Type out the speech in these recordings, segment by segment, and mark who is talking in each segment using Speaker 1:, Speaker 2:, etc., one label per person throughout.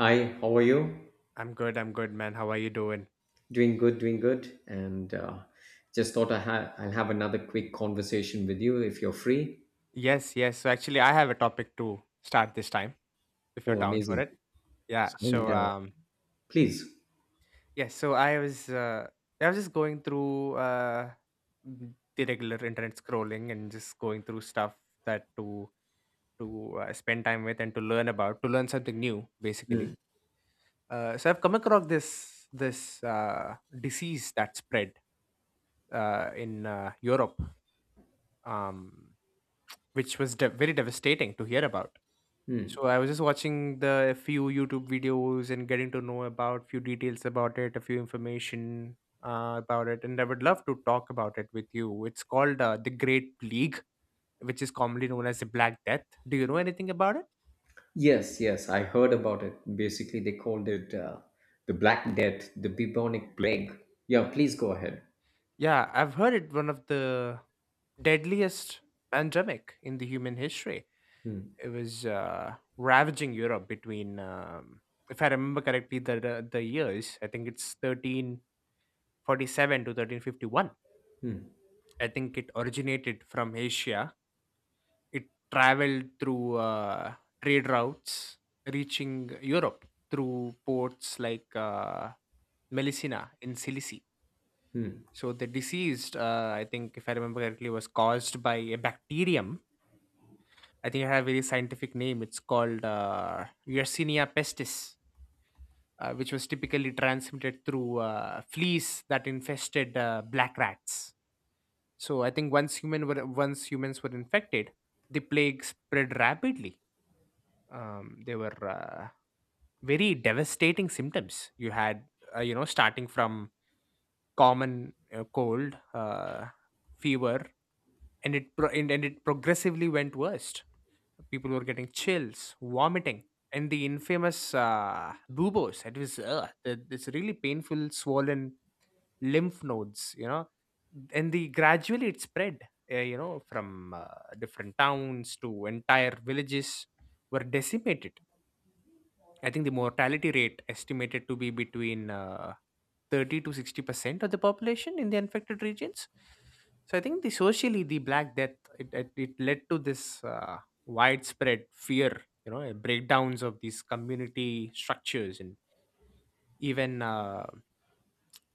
Speaker 1: Hi, how are you?
Speaker 2: I'm good. I'm good, man. How are you doing?
Speaker 1: Doing good, doing good. And just thought I'll have another quick conversation with you if you're free.
Speaker 2: Yes, yes. So actually, I have a topic to start this time, if you're
Speaker 1: Oh,
Speaker 2: down for
Speaker 1: amazing.
Speaker 2: it. Yeah.
Speaker 1: And please.
Speaker 2: Yeah. So I was just going through the regular internet scrolling and just going through stuff that to spend time with and to learn about to learn something new, basically.
Speaker 1: Mm,
Speaker 2: So I've come across this disease that spread in Europe, um, which was very devastating to hear about.
Speaker 1: mm.
Speaker 2: So I was just watching the a few YouTube videos and getting to know about few details about it, a few information about it, and I would love to talk about it with you. It's called the Great Plague, which is commonly known as the Black Death. Do you know anything about it?
Speaker 1: Yes, yes, I heard about it. Basically, they called it the Black Death, the bubonic plague. Yeah, please go ahead.
Speaker 2: Yeah, I've heard it one of the deadliest pandemic in the human history. It was ravaging Europe between, if I remember correctly, the years. I think it's 1347 to 1351.
Speaker 1: Mm,
Speaker 2: I think it originated from Asia. It traveled through trade routes, reaching Europe through ports like Melissina in Sicily.
Speaker 1: mm.
Speaker 2: So the disease, I think, if I remember correctly, was caused by a bacterium. I think it had a very scientific name. It's called Yersinia pestis, which was typically transmitted through fleas that infested black rats. So I think once human were once humans were infected, the plague spread rapidly. There were very devastating symptoms. You had you know starting from common cold, fever, and it progressively went worst. People were getting chills, vomiting, and the infamous buboes. It was this really painful, swollen lymph nodes, you know, and the gradually it spread you know from different towns to entire villages were decimated. I think the mortality rate estimated to be between 30 to 60% of the population in the infected regions. So I think the socially the Black Death, it led to this widespread fear, you know, breakdowns of these community structures and even uh,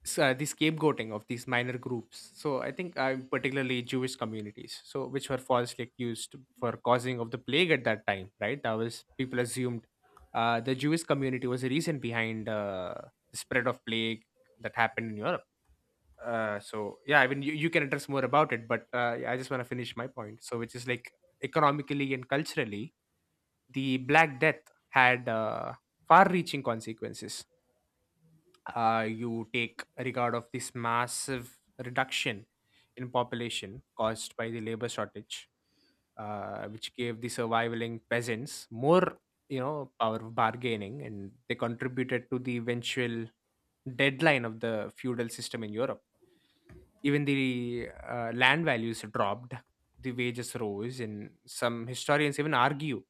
Speaker 2: s- uh, the scapegoating of these minor groups. So I think particularly Jewish communities, so which were falsely accused for causing of the plague at that time, right? That was people assumed the Jewish community was the reason behind the spread of plague that happened in Europe. So yeah, I mean you can address more about it, but yeah, I just want to finish my point. So which is like economically and culturally, the Black Death had far-reaching consequences. You take regard of this massive reduction in population caused by the labor shortage, which gave the surviving peasants more, you know, power of bargaining, and they contributed to the eventual deadline of the feudal system in Europe. Even the land values dropped, the wages rose, and some historians even argue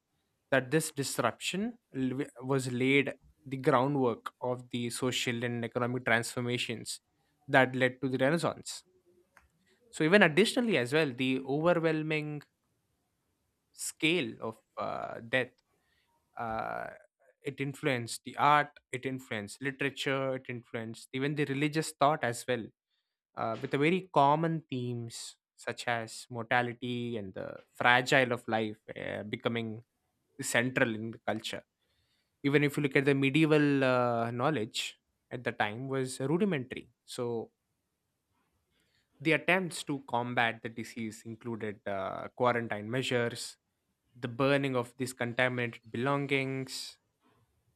Speaker 2: that this disruption was laid the groundwork of the social and economic transformations that led to the Renaissance. So, even additionally, as well, the overwhelming scale of death, uh, it influenced the art, it influenced literature, it influenced even the religious thought as well, with the very common themes such as mortality and the fragile of life becoming central in the culture. Even if you look at the medieval knowledge at the time was rudimentary, so the attempts to combat the disease included quarantine measures, the burning of these contaminated belongings,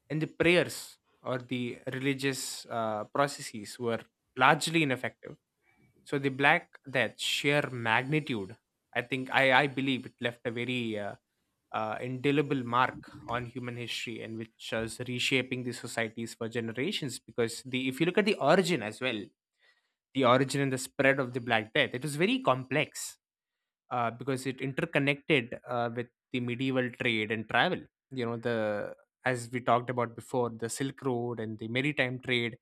Speaker 2: and the prayers or the religious processes were largely ineffective. So the Black Death sheer magnitude, I think I believe it left a very indelible mark on human history and which is reshaping the societies for generations. Because the if you look at the origin as well, the origin and the spread of the Black Death, it was very complex because it interconnected with the medieval trade and travel. You know the as we talked about before, the Silk Road and the maritime trade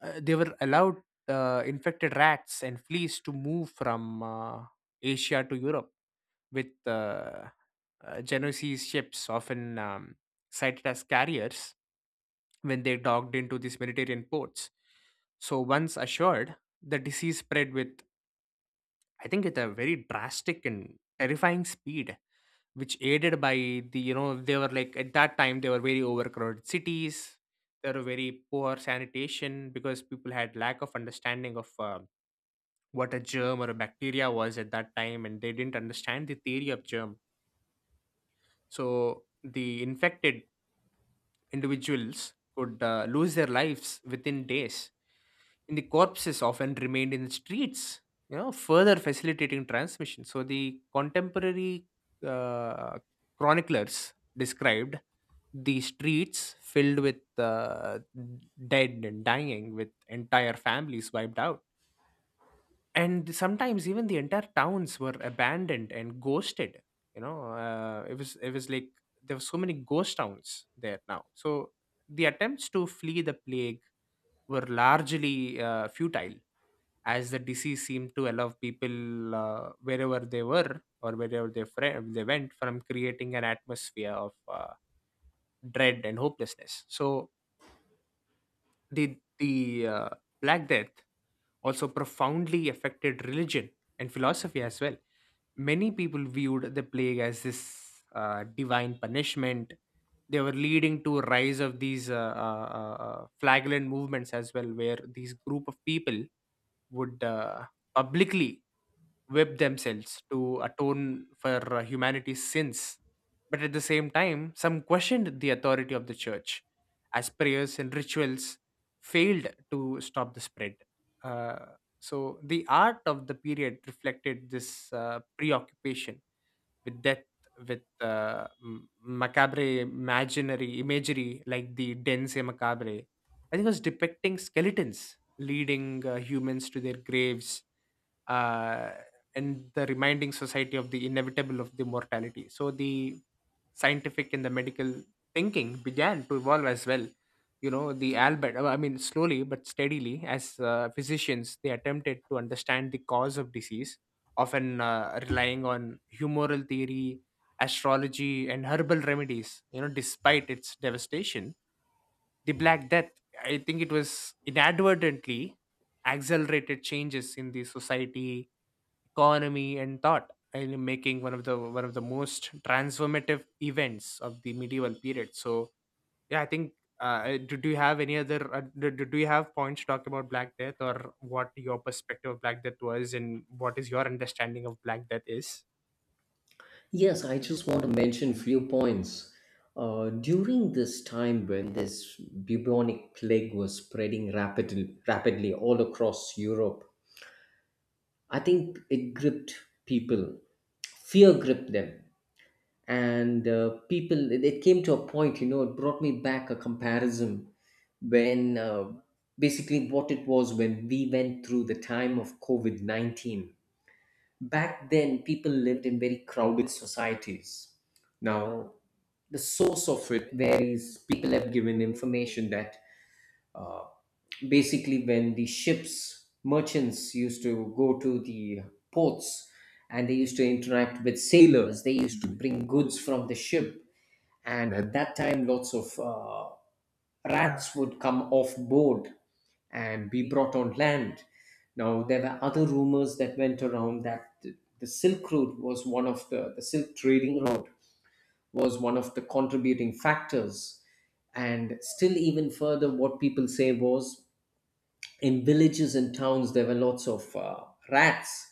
Speaker 2: they were allowed infected rats and fleas to move from Asia to Europe with Genoese ships, often cited as carriers, when they docked into these Mediterranean ports. So, once assured, the disease spread with I think at a very drastic and terrifying speed, which aided by you know, they were like at that time they were very overcrowded cities. There were very poor sanitation because people had lack of understanding of what a germ or a bacteria was at that time, and they didn't understand the theory of germ. So the infected individuals could lose their lives within days, and the corpses often remained in the streets, you know, further facilitating transmission. So the contemporary uh, chroniclers described the streets filled with dead and dying, with entire families wiped out and sometimes even the entire towns were abandoned and ghosted, you know, it was like there were so many ghost towns there now. So the attempts to flee the plague were largely futile as the disease seemed to allow people wherever they were or wherever they went, from creating an atmosphere of dread and hopelessness. So the Black Death also profoundly affected religion and philosophy as well. Many people viewed the plague as this divine punishment. They were leading to a rise of these flagellant movements as well, where these group of people would publicly whip themselves to atone for humanity's sins. But at the same time, some questioned the authority of the church, as prayers and rituals failed to stop the spread. So the art of the period reflected this preoccupation with death, with macabre imaginary imagery like the dense macabre. I think it was depicting skeletons leading humans to their graves uh, and the reminding society of the inevitable of the mortality. So the scientific and the medical thinking began to evolve as well. You know, the Albert, I mean, slowly but steadily, as physicians, they attempted to understand the cause of disease, often relying on humoral theory, astrology, and herbal remedies. You know, despite its devastation, the Black Death, I think it was inadvertently accelerated changes in the society, economy and thought and making one of the most transformative events of the medieval period. So yeah, I think do you have any other do you have points to talk about Black Death or what your perspective of Black Death was and what is your understanding of Black Death is?
Speaker 1: Yes, I just want to mention few points. During this time when this bubonic plague was spreading rapidly, rapidly all across Europe, I think it gripped people. Fear gripped them. And people, it came to a point, you know, it brought me back a comparison when basically what it was when we went through the time of COVID COVID-19. Back then, people lived in very crowded societies. Now, the source of it varies. People have given information that basically when the ships merchants used to go to the ports, and they used to interact with sailors, they used to bring goods from the ship, and at that time lots of rats would come off board and be brought on land. Now there were other rumors that went around that the Silk Road was one of the silk trading road was one of the contributing factors. And still even further, what people say was, in villages and towns there were lots of rats.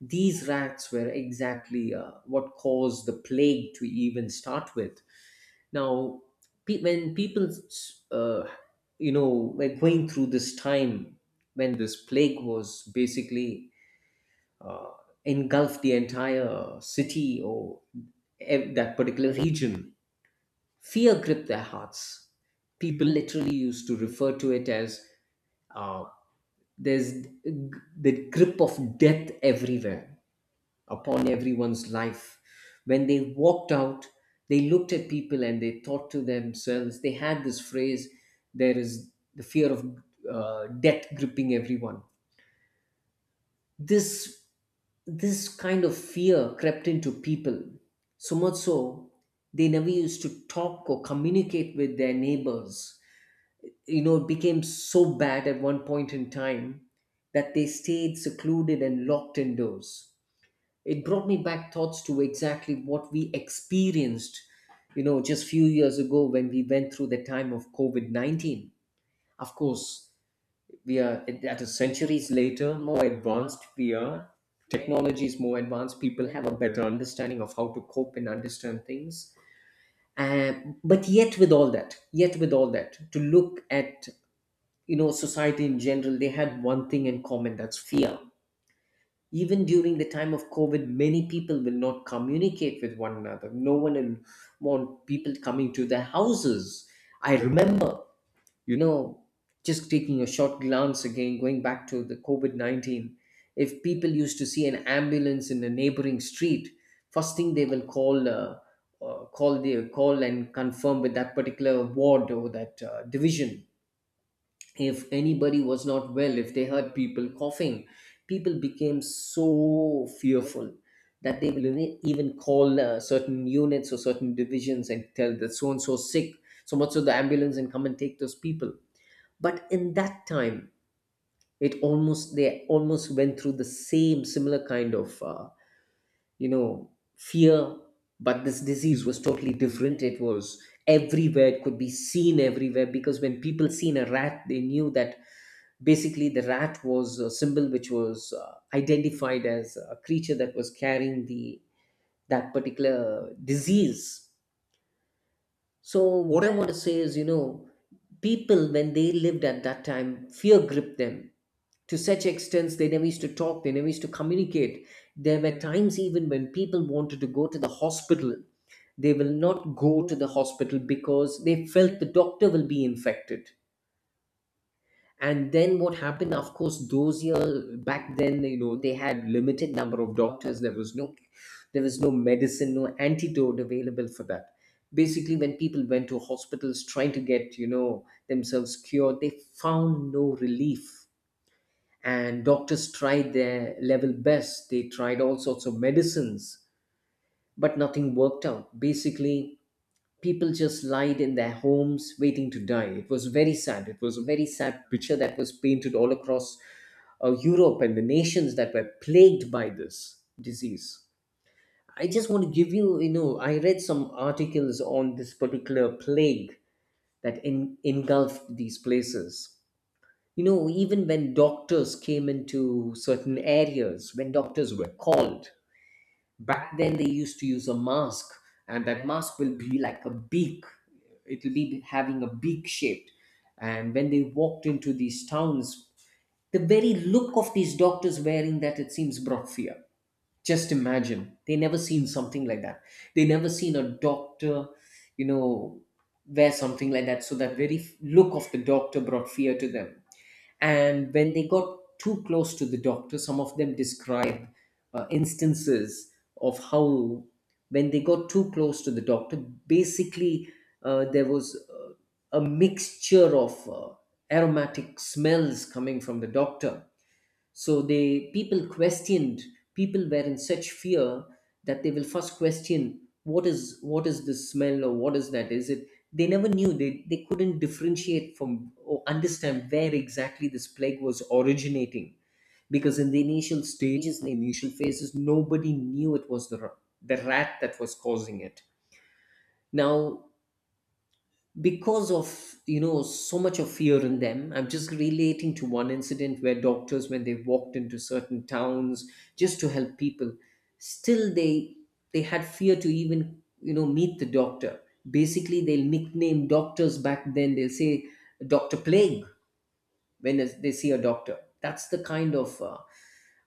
Speaker 1: These rats were exactly what caused the plague to even start with. Now when people, uh, you know, were going through this time when this plague was basically engulfed the entire city or that particular region, fear gripped their hearts. People literally used to refer to it as, uh, there's the grip of death everywhere upon everyone's life. When they walked out, they looked at people and they thought to themselves, they had this phrase, there is the fear of death gripping everyone. This, this kind of fear crept into people, so much so they never used to talk or communicate with their neighbors. You know, it became so bad at one point in time that they stayed secluded and locked indoors. It brought me back thoughts to exactly what we experienced, you know, just few years ago when we went through the time of COVID COVID-19. Of course, we are at a centuries later, more advanced we are. Technology is more advanced. People have a better understanding of how to cope and understand things. Uh, but yet, with all that, yet with all that, to look at, you know, society in general, they had one thing in common, that's fear. Even during the time of COVID, many people will not communicate with one another. No one will want people coming to their houses. I remember, you know, just taking a short glance again, going back to the COVID COVID-19, if people used to see an ambulance in a neighboring street, first thing they will call. Call the call and confirm with that particular ward or that division if anybody was not well, if they heard people coughing. People became so fearful that they will even call certain units or certain divisions and tell that so and so sick, so much so the ambulance and come and take those people. But in that time, it almost, they almost went through the same similar kind of you know, fear. But this disease was totally different. It was everywhere. It could be seen everywhere because when people seen a rat, they knew that basically the rat was a symbol which was identified as a creature that was carrying the that particular disease. So, what I want to say is, you know, people, when they lived at that time, fear gripped them to such extent they never used to talk, they never used to communicate. There were times even when people wanted to go to the hospital, they will not go to the hospital because they felt the doctor will be infected. And then what happened? Of course, those years back then, you know, they had limited number of doctors. There was no medicine, no antidote available for that. Basically, when people went to hospitals trying to get, you know, themselves cured, they found no relief. And doctors tried their level best, they tried all sorts of medicines, but nothing worked out. Basically, people just lied in their homes waiting to die. It was very sad. It was a very sad picture that was painted all across Europe and the nations that were plagued by this disease. I just want to give you, you know, I read some articles on this particular plague that engulfed these places. You know, even when doctors came into certain areas, when doctors were called, back then they used to use a mask, and that mask will be like a beak. It'll be having a beak shaped. And when they walked into these towns, the very look of these doctors wearing that, it seems, brought fear. Just imagine. They never seen something like that. They never seen a doctor, you know, wear something like that. So that very look of the doctor brought fear to them. And when they got too close to the doctor, some of them describe instances of how, when they got too close to the doctor, basically there was a mixture of aromatic smells coming from the doctor. So they, people questioned. People were in such fear that they will first question, what is this smell, or what is that? Is it? They never knew. They couldn't differentiate from or understand where exactly this plague was originating because in the initial stages, in the initial phases, nobody knew it was the the rat that was causing it. Now because of, you know, so much of fear in them, I'm just relating to one incident where doctors, when they walked into certain towns just to help people, still they had fear to even, you know, meet the doctor. Basically, they'll nickname doctors back then, they'll say, Dr. Plague, when they see a doctor. That's the kind of uh,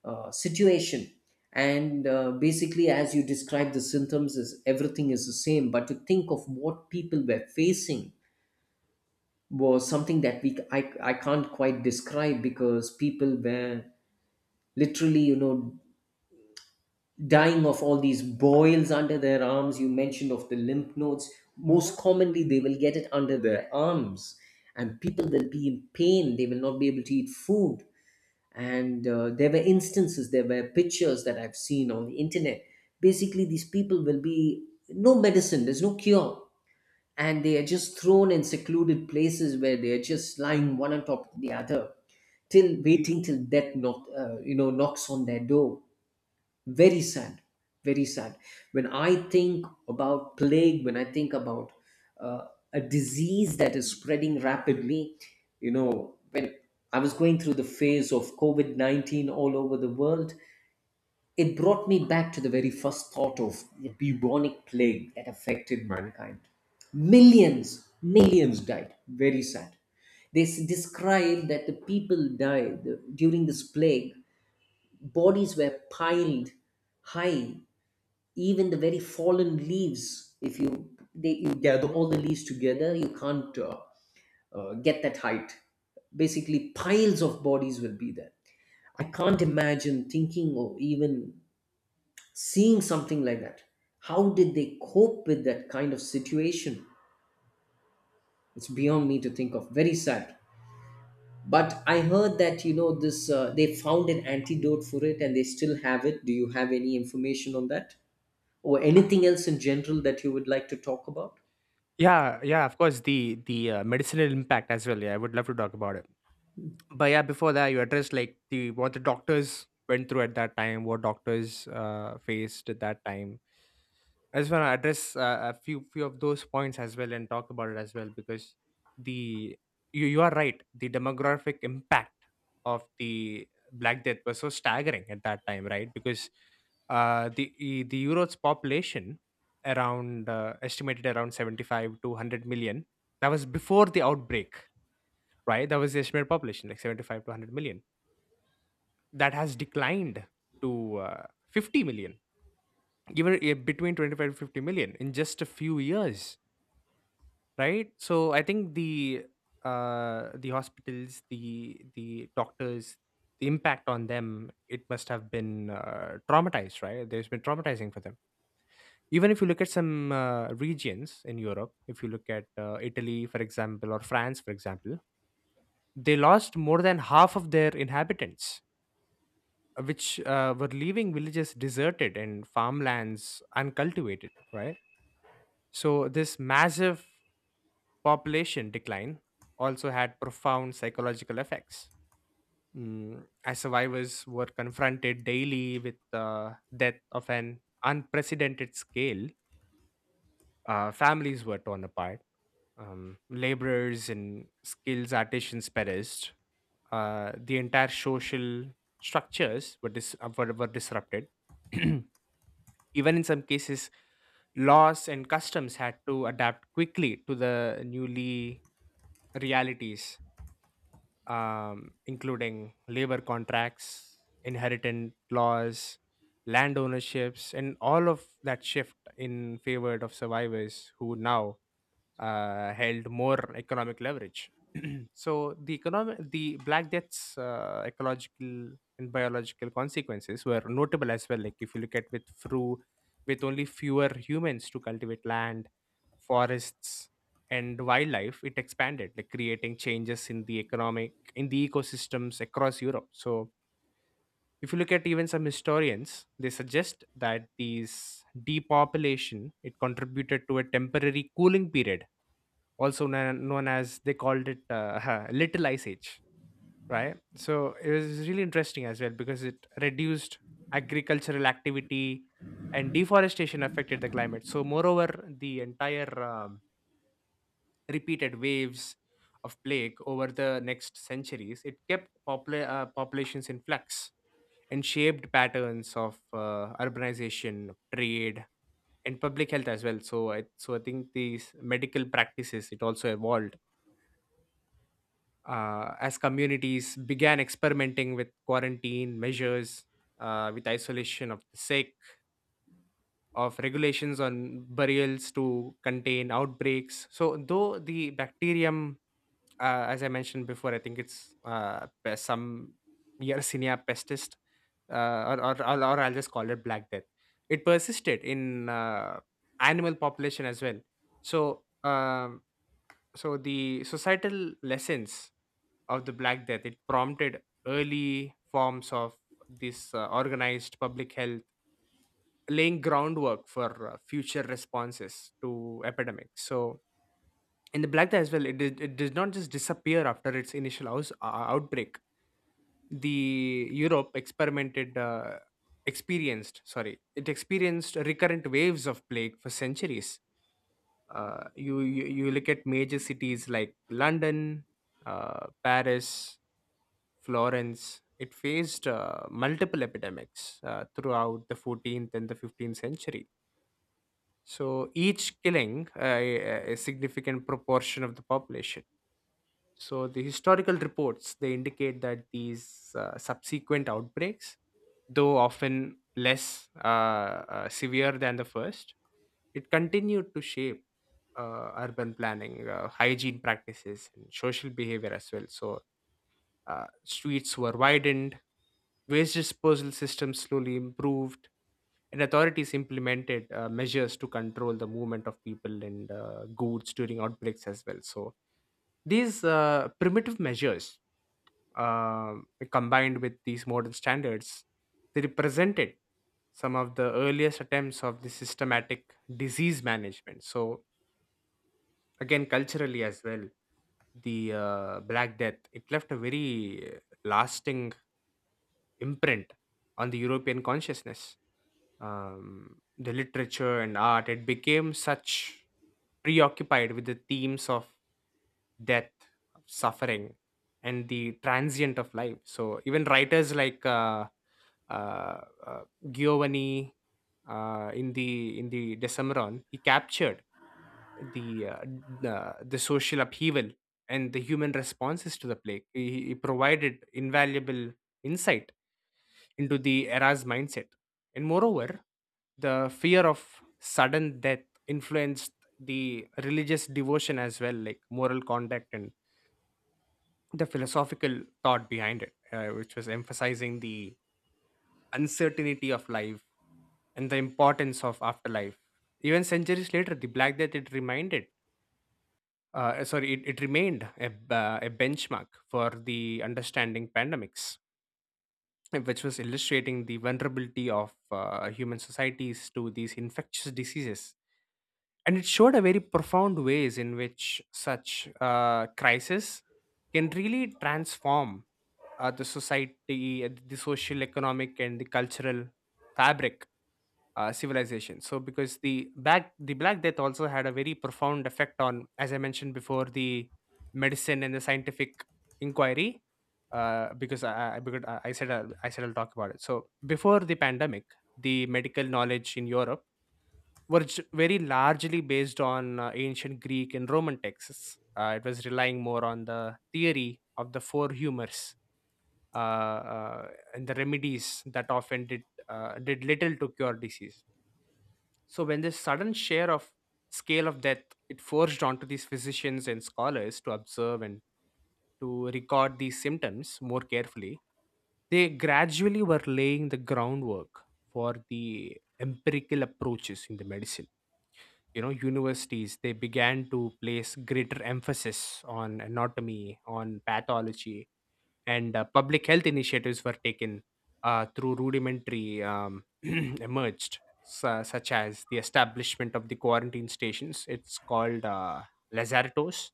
Speaker 1: uh, situation. And basically, as you describe, the symptoms is everything is the same, but to think of what people were facing was something that I can't quite describe, because people were literally, you know, dying of all these boils under their arms. You mentioned of the lymph nodes. Most commonly they will get it under their arms, and people will be in pain, they will not be able to eat food. And there were instances, there were pictures that I've seen on the internet. Basically, these people will be, no medicine, there's no cure, and they are just thrown in secluded places where they are just lying one on top of the other, till waiting, till death knock, you know, knocks on their door. Very sad. Very sad. When I think about plague, when I think about uh, a disease that is spreading rapidly, you know, when I was going through the phase of COVID-19 all over the world, it brought me back to the very first thought of the bubonic plague that affected mankind. Millions, millions died. Very sad. Describe that the people died during this plague. Bodies were piled high, even the very fallen leaves. If you gather all the leaves together, you can't get that height. Basically, piles of bodies will be there. I can't imagine thinking or even seeing something like that. How did they cope with that kind of situation? It's beyond me to think of. Very sad. But I heard that, you know, this they found an antidote for it and they still have it. Do you have any information on that, or anything else in general that you would like to talk about?
Speaker 2: Yeah, yeah, of course, the medicinal impact as well. Yeah, I would love to talk about it, but yeah, before that, you addressed like the what the doctors went through at that time, what doctors faced at that time. I just want to address a few of those points as well and talk about it as well, because the you are right, the demographic impact of the Black Death was so staggering at that time, right? Because the Europe's population around estimated around 75 to 100 million, that was before the outbreak, right? That was the estimated population, like 75 to 100 million, that has declined to uh, 50 million, even between 25 to 50 million in just a few years, right? So I think the hospitals, the doctors, the impact on them, it must have been traumatized right there's been traumatizing for them. Even if you look at some regions in Europe, if you look at Italy, for example, or France, for example, they lost more than half of their inhabitants, which were leaving villages deserted and farmlands uncultivated, right? So this massive population decline also had profound psychological effects, mm, as survivors were confronted daily with the death of an unprecedented scale. Families were torn apart. Laborers and skilled artisans perished. The entire social structures were disrupted. Even in some cases, laws and customs had to adapt quickly to the newly realities, including labor contracts, inheritance laws, land ownerships, and all of that shift in favor of survivors who now held more economic leverage. So the economic, the Black Death's ecological and biological consequences were notable as well. Like if you look at with through with only fewer humans to cultivate land, forests, and wildlife, it expanded, like creating changes in the economic in the ecosystems across Europe. So if you look at even some historians, they suggest that these depopulation it contributed to a temporary cooling period also known as they called it little ice age, right? So it was really interesting as well because it reduced agricultural activity and deforestation affected the climate. So moreover the entire repeated waves of plague over the next centuries it kept populations in flux and shaped patterns of urbanization, trade, and public health as well. So I think these medical practices it also evolved as communities began experimenting with quarantine measures, with isolation of the sick, of regulations on burials to contain outbreaks. So, though the bacterium, as I mentioned before, I think it's some Yersinia pestis, or I'll just call it Black Death. It persisted in animal population as well. So, um so the societal lessons of the black death it prompted early forms of this organized public health, laying groundwork for future responses to epidemics. So in the black death as well it did not just disappear after its initial outbreak. The europe experimented experienced sorry it experienced recurrent waves of plague for centuries you, you you look at major cities like London, Paris, Florence. It faced multiple epidemics throughout the 14th and the 15th century. So each killing a significant proportion of the population. So the historical reports they indicate that these subsequent outbreaks, though often less severe than the first, it continued to shape urban planning, hygiene practices, and social behavior as well. So streets were widened, waste disposal systems slowly improved, and authorities implemented measures to control the movement of people and goods during outbreaks as well. So these primitive measures, uh, combined with these modern standards, they represented some of the earliest attempts of the systematic disease management. So again, culturally as well, the Black Death it left a very lasting imprint on the European consciousness. The literature and art, it became such preoccupied with the themes of death, of suffering, and the transient of life. So even writers like uh, uh, Giovanni in the Decameron, he captured the social upheaval and the human responses to the plague. He provided invaluable insight into the era's mindset. And moreover, the fear of sudden death influenced the religious devotion as well, like moral conduct and the philosophical thought behind it, which was emphasizing the uncertainty of life and the importance of afterlife. Even centuries later, the Black Death it reminded eh, sorry, it remained a a benchmark for the understanding pandemics, which was illustrating the vulnerability of human societies to these infectious diseases. And it showed a very profound ways in which such crisis can really transform the society, the social, economic, and the cultural fabric civilization. So because the Black Death also had a very profound effect on, as I mentioned before, the medicine and the scientific inquiry. Because I said I'll talk about it. So before the pandemic, the medical knowledge in Europe were very largely based on ancient Greek and Roman texts. It was relying more on the theory of the four humors uh, uh, and the remedies that often did little to cure disease. So when this sudden share of scale of death it forged onto these physicians and scholars to observe and to record these symptoms more carefully, they gradually were laying the groundwork for the empirical approaches in the medicine. You know, universities they began to place greater emphasis on anatomy, on pathology, and public health initiatives were taken through rudimentary emerged such as the establishment of the quarantine stations, it's called lazaretos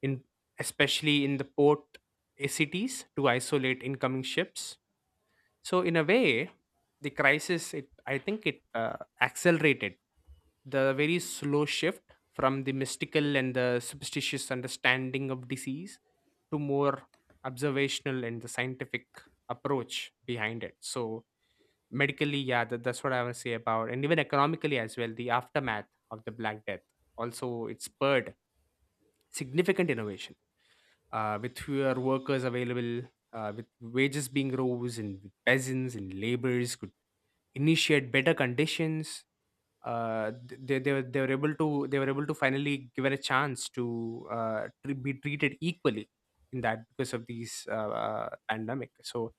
Speaker 2: in especially in the port cities to isolate incoming ships. So in a way, the crisis it I think it accelerated the very slow shift from the mystical and the superstitious understanding of disease to more observational and the scientific approach behind it. So medically, yeah, that's what I want to say about, and even economically as well. The aftermath of the Black Death also it spurred significant innovation with fewer workers available, with wages being rose, and with peasants and laborers could initiate better conditions. Th- they were able to they were able to finally given a chance to be treated equally in that because of these pandemic. So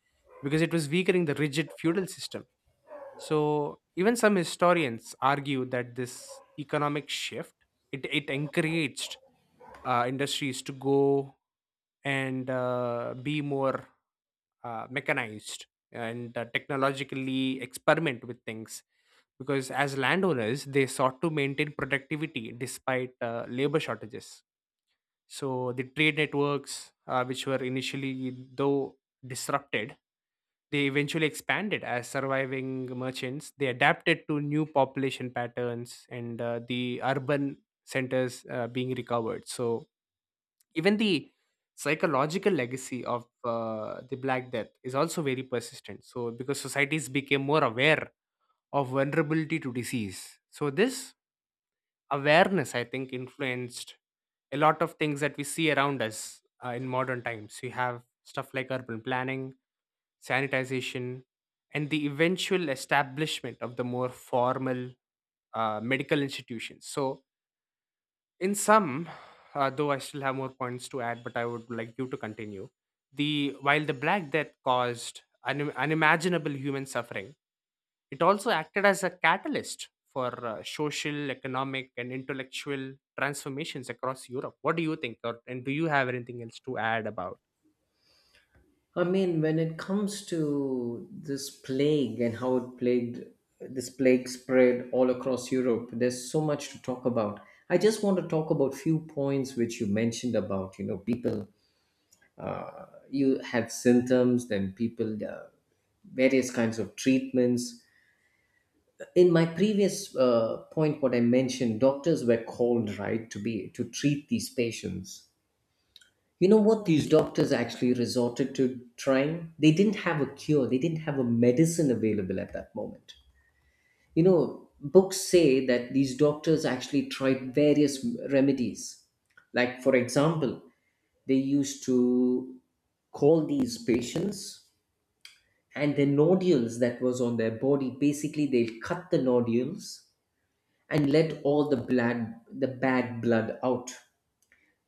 Speaker 2: because it was weakening the rigid feudal system. So even some historians argue that this economic shift it encouraged industries to go and be more mechanized and technologically experiment with things because as landowners they sought to maintain productivity despite labor shortages. So the trade networks which were initially though disrupted they eventually expanded as surviving merchants they adapted to new population patterns and the urban centers being recovered. So even the psychological legacy of the Black Death is also very persistent. So, because societies became more aware of vulnerability to disease. So, this awareness, I think, influenced a lot of things that we see around us in modern times. You have stuff like urban planning, sanitization, and the eventual establishment of the more formal medical institutions. So, in sum, though I still have more points to add, but I would like you to continue. The while the Black Death caused unimaginable human suffering, it also acted as a catalyst for social, economic, and intellectual transformations across Europe. What do you think, or, and do you have anything else to add about?
Speaker 1: I mean, when it comes to this plague and how it plagued, this plague spread all across Europe, there's so much to talk about. I just want to talk about few points which you mentioned about, you know, people, you had symptoms then people, various kinds of treatments. In my previous point, what I mentioned, doctors were called, right, to be to treat these patients. You know what these doctors actually resorted to trying. They didn't have a cure, they didn't have a medicine available at that moment. You know, books say that these doctors actually tried various remedies, like for example, they used to call these patients, and the nodules that was on their body, basically they'll cut the nodules and let all the blood, the bad blood, out.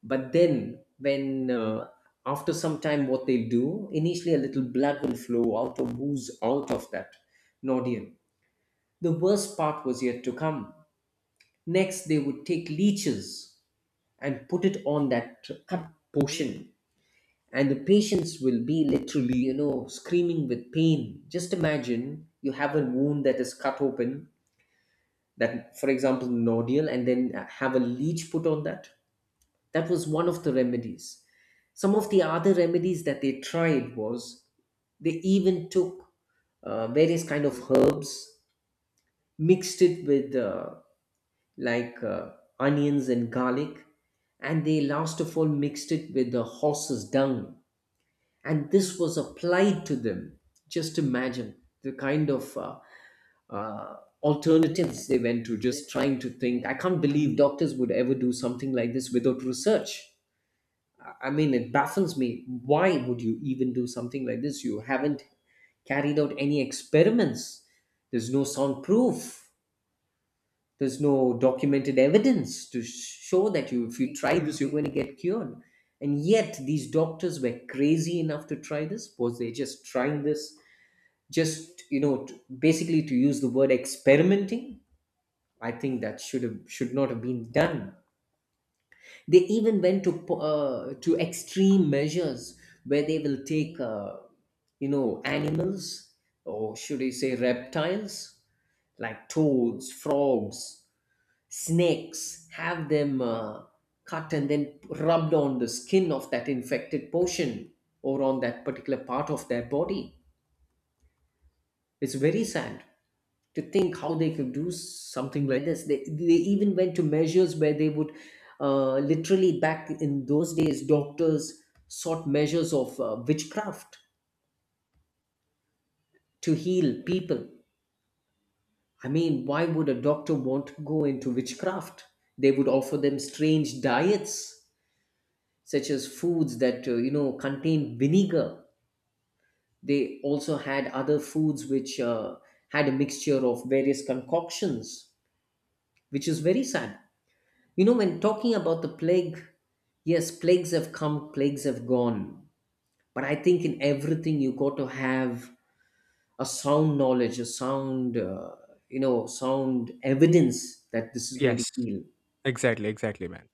Speaker 1: But then when, after some time, what they'll do, initially a little blood will flow out or ooze out of that nodule. The worst part was yet to come. Next, they would take leeches and put it on that cut portion, and the patients will be literally, you know, screaming with pain. Just imagine you have a wound that is cut open, that for example nodule, and then have a leech put on that. That was one of the remedies. Some of the other remedies that they tried was they even took various kind of herbs, mixed it with, like, onions and garlic, and they last of all mixed it with the horse's dung, and this was applied to them. Just imagine the kind of uh, alternatives they went to. Just trying to think, I can't believe doctors would ever do something like this without research. I mean, it baffles me. Why would you even do something like this? You haven't carried out any experiments. There's no sound proof. There's no documented evidence to show that, you, if you try this, you're going to get cured. And yet, these doctors were crazy enough to try this. Was they just trying this? Just, you know, basically, to use the word experimenting. I think that should not have been done. They even went to to extreme measures where they will take, you know, animals, or should I say reptiles, like toads, frogs, snakes, have them cut and then rubbed on the skin of that infected portion or on that particular part of their body. It's very sad to think how they could do something like this. They even went to measures where they would literally, back in those days, doctors sought measures of witchcraft to heal people. I mean, why would a doctor want to go into witchcraft? They would offer them strange diets, such as foods that you know, contain vinegar. They also had other foods which had a mixture of various concoctions, which is very sad. You know, when talking about the plague, yes, plagues have come, plagues have gone, but I think in everything you got to have a sound knowledge, a sound, you know, sound evidence that this is going to
Speaker 2: Yes,
Speaker 1: heal.
Speaker 2: exactly, exactly, man.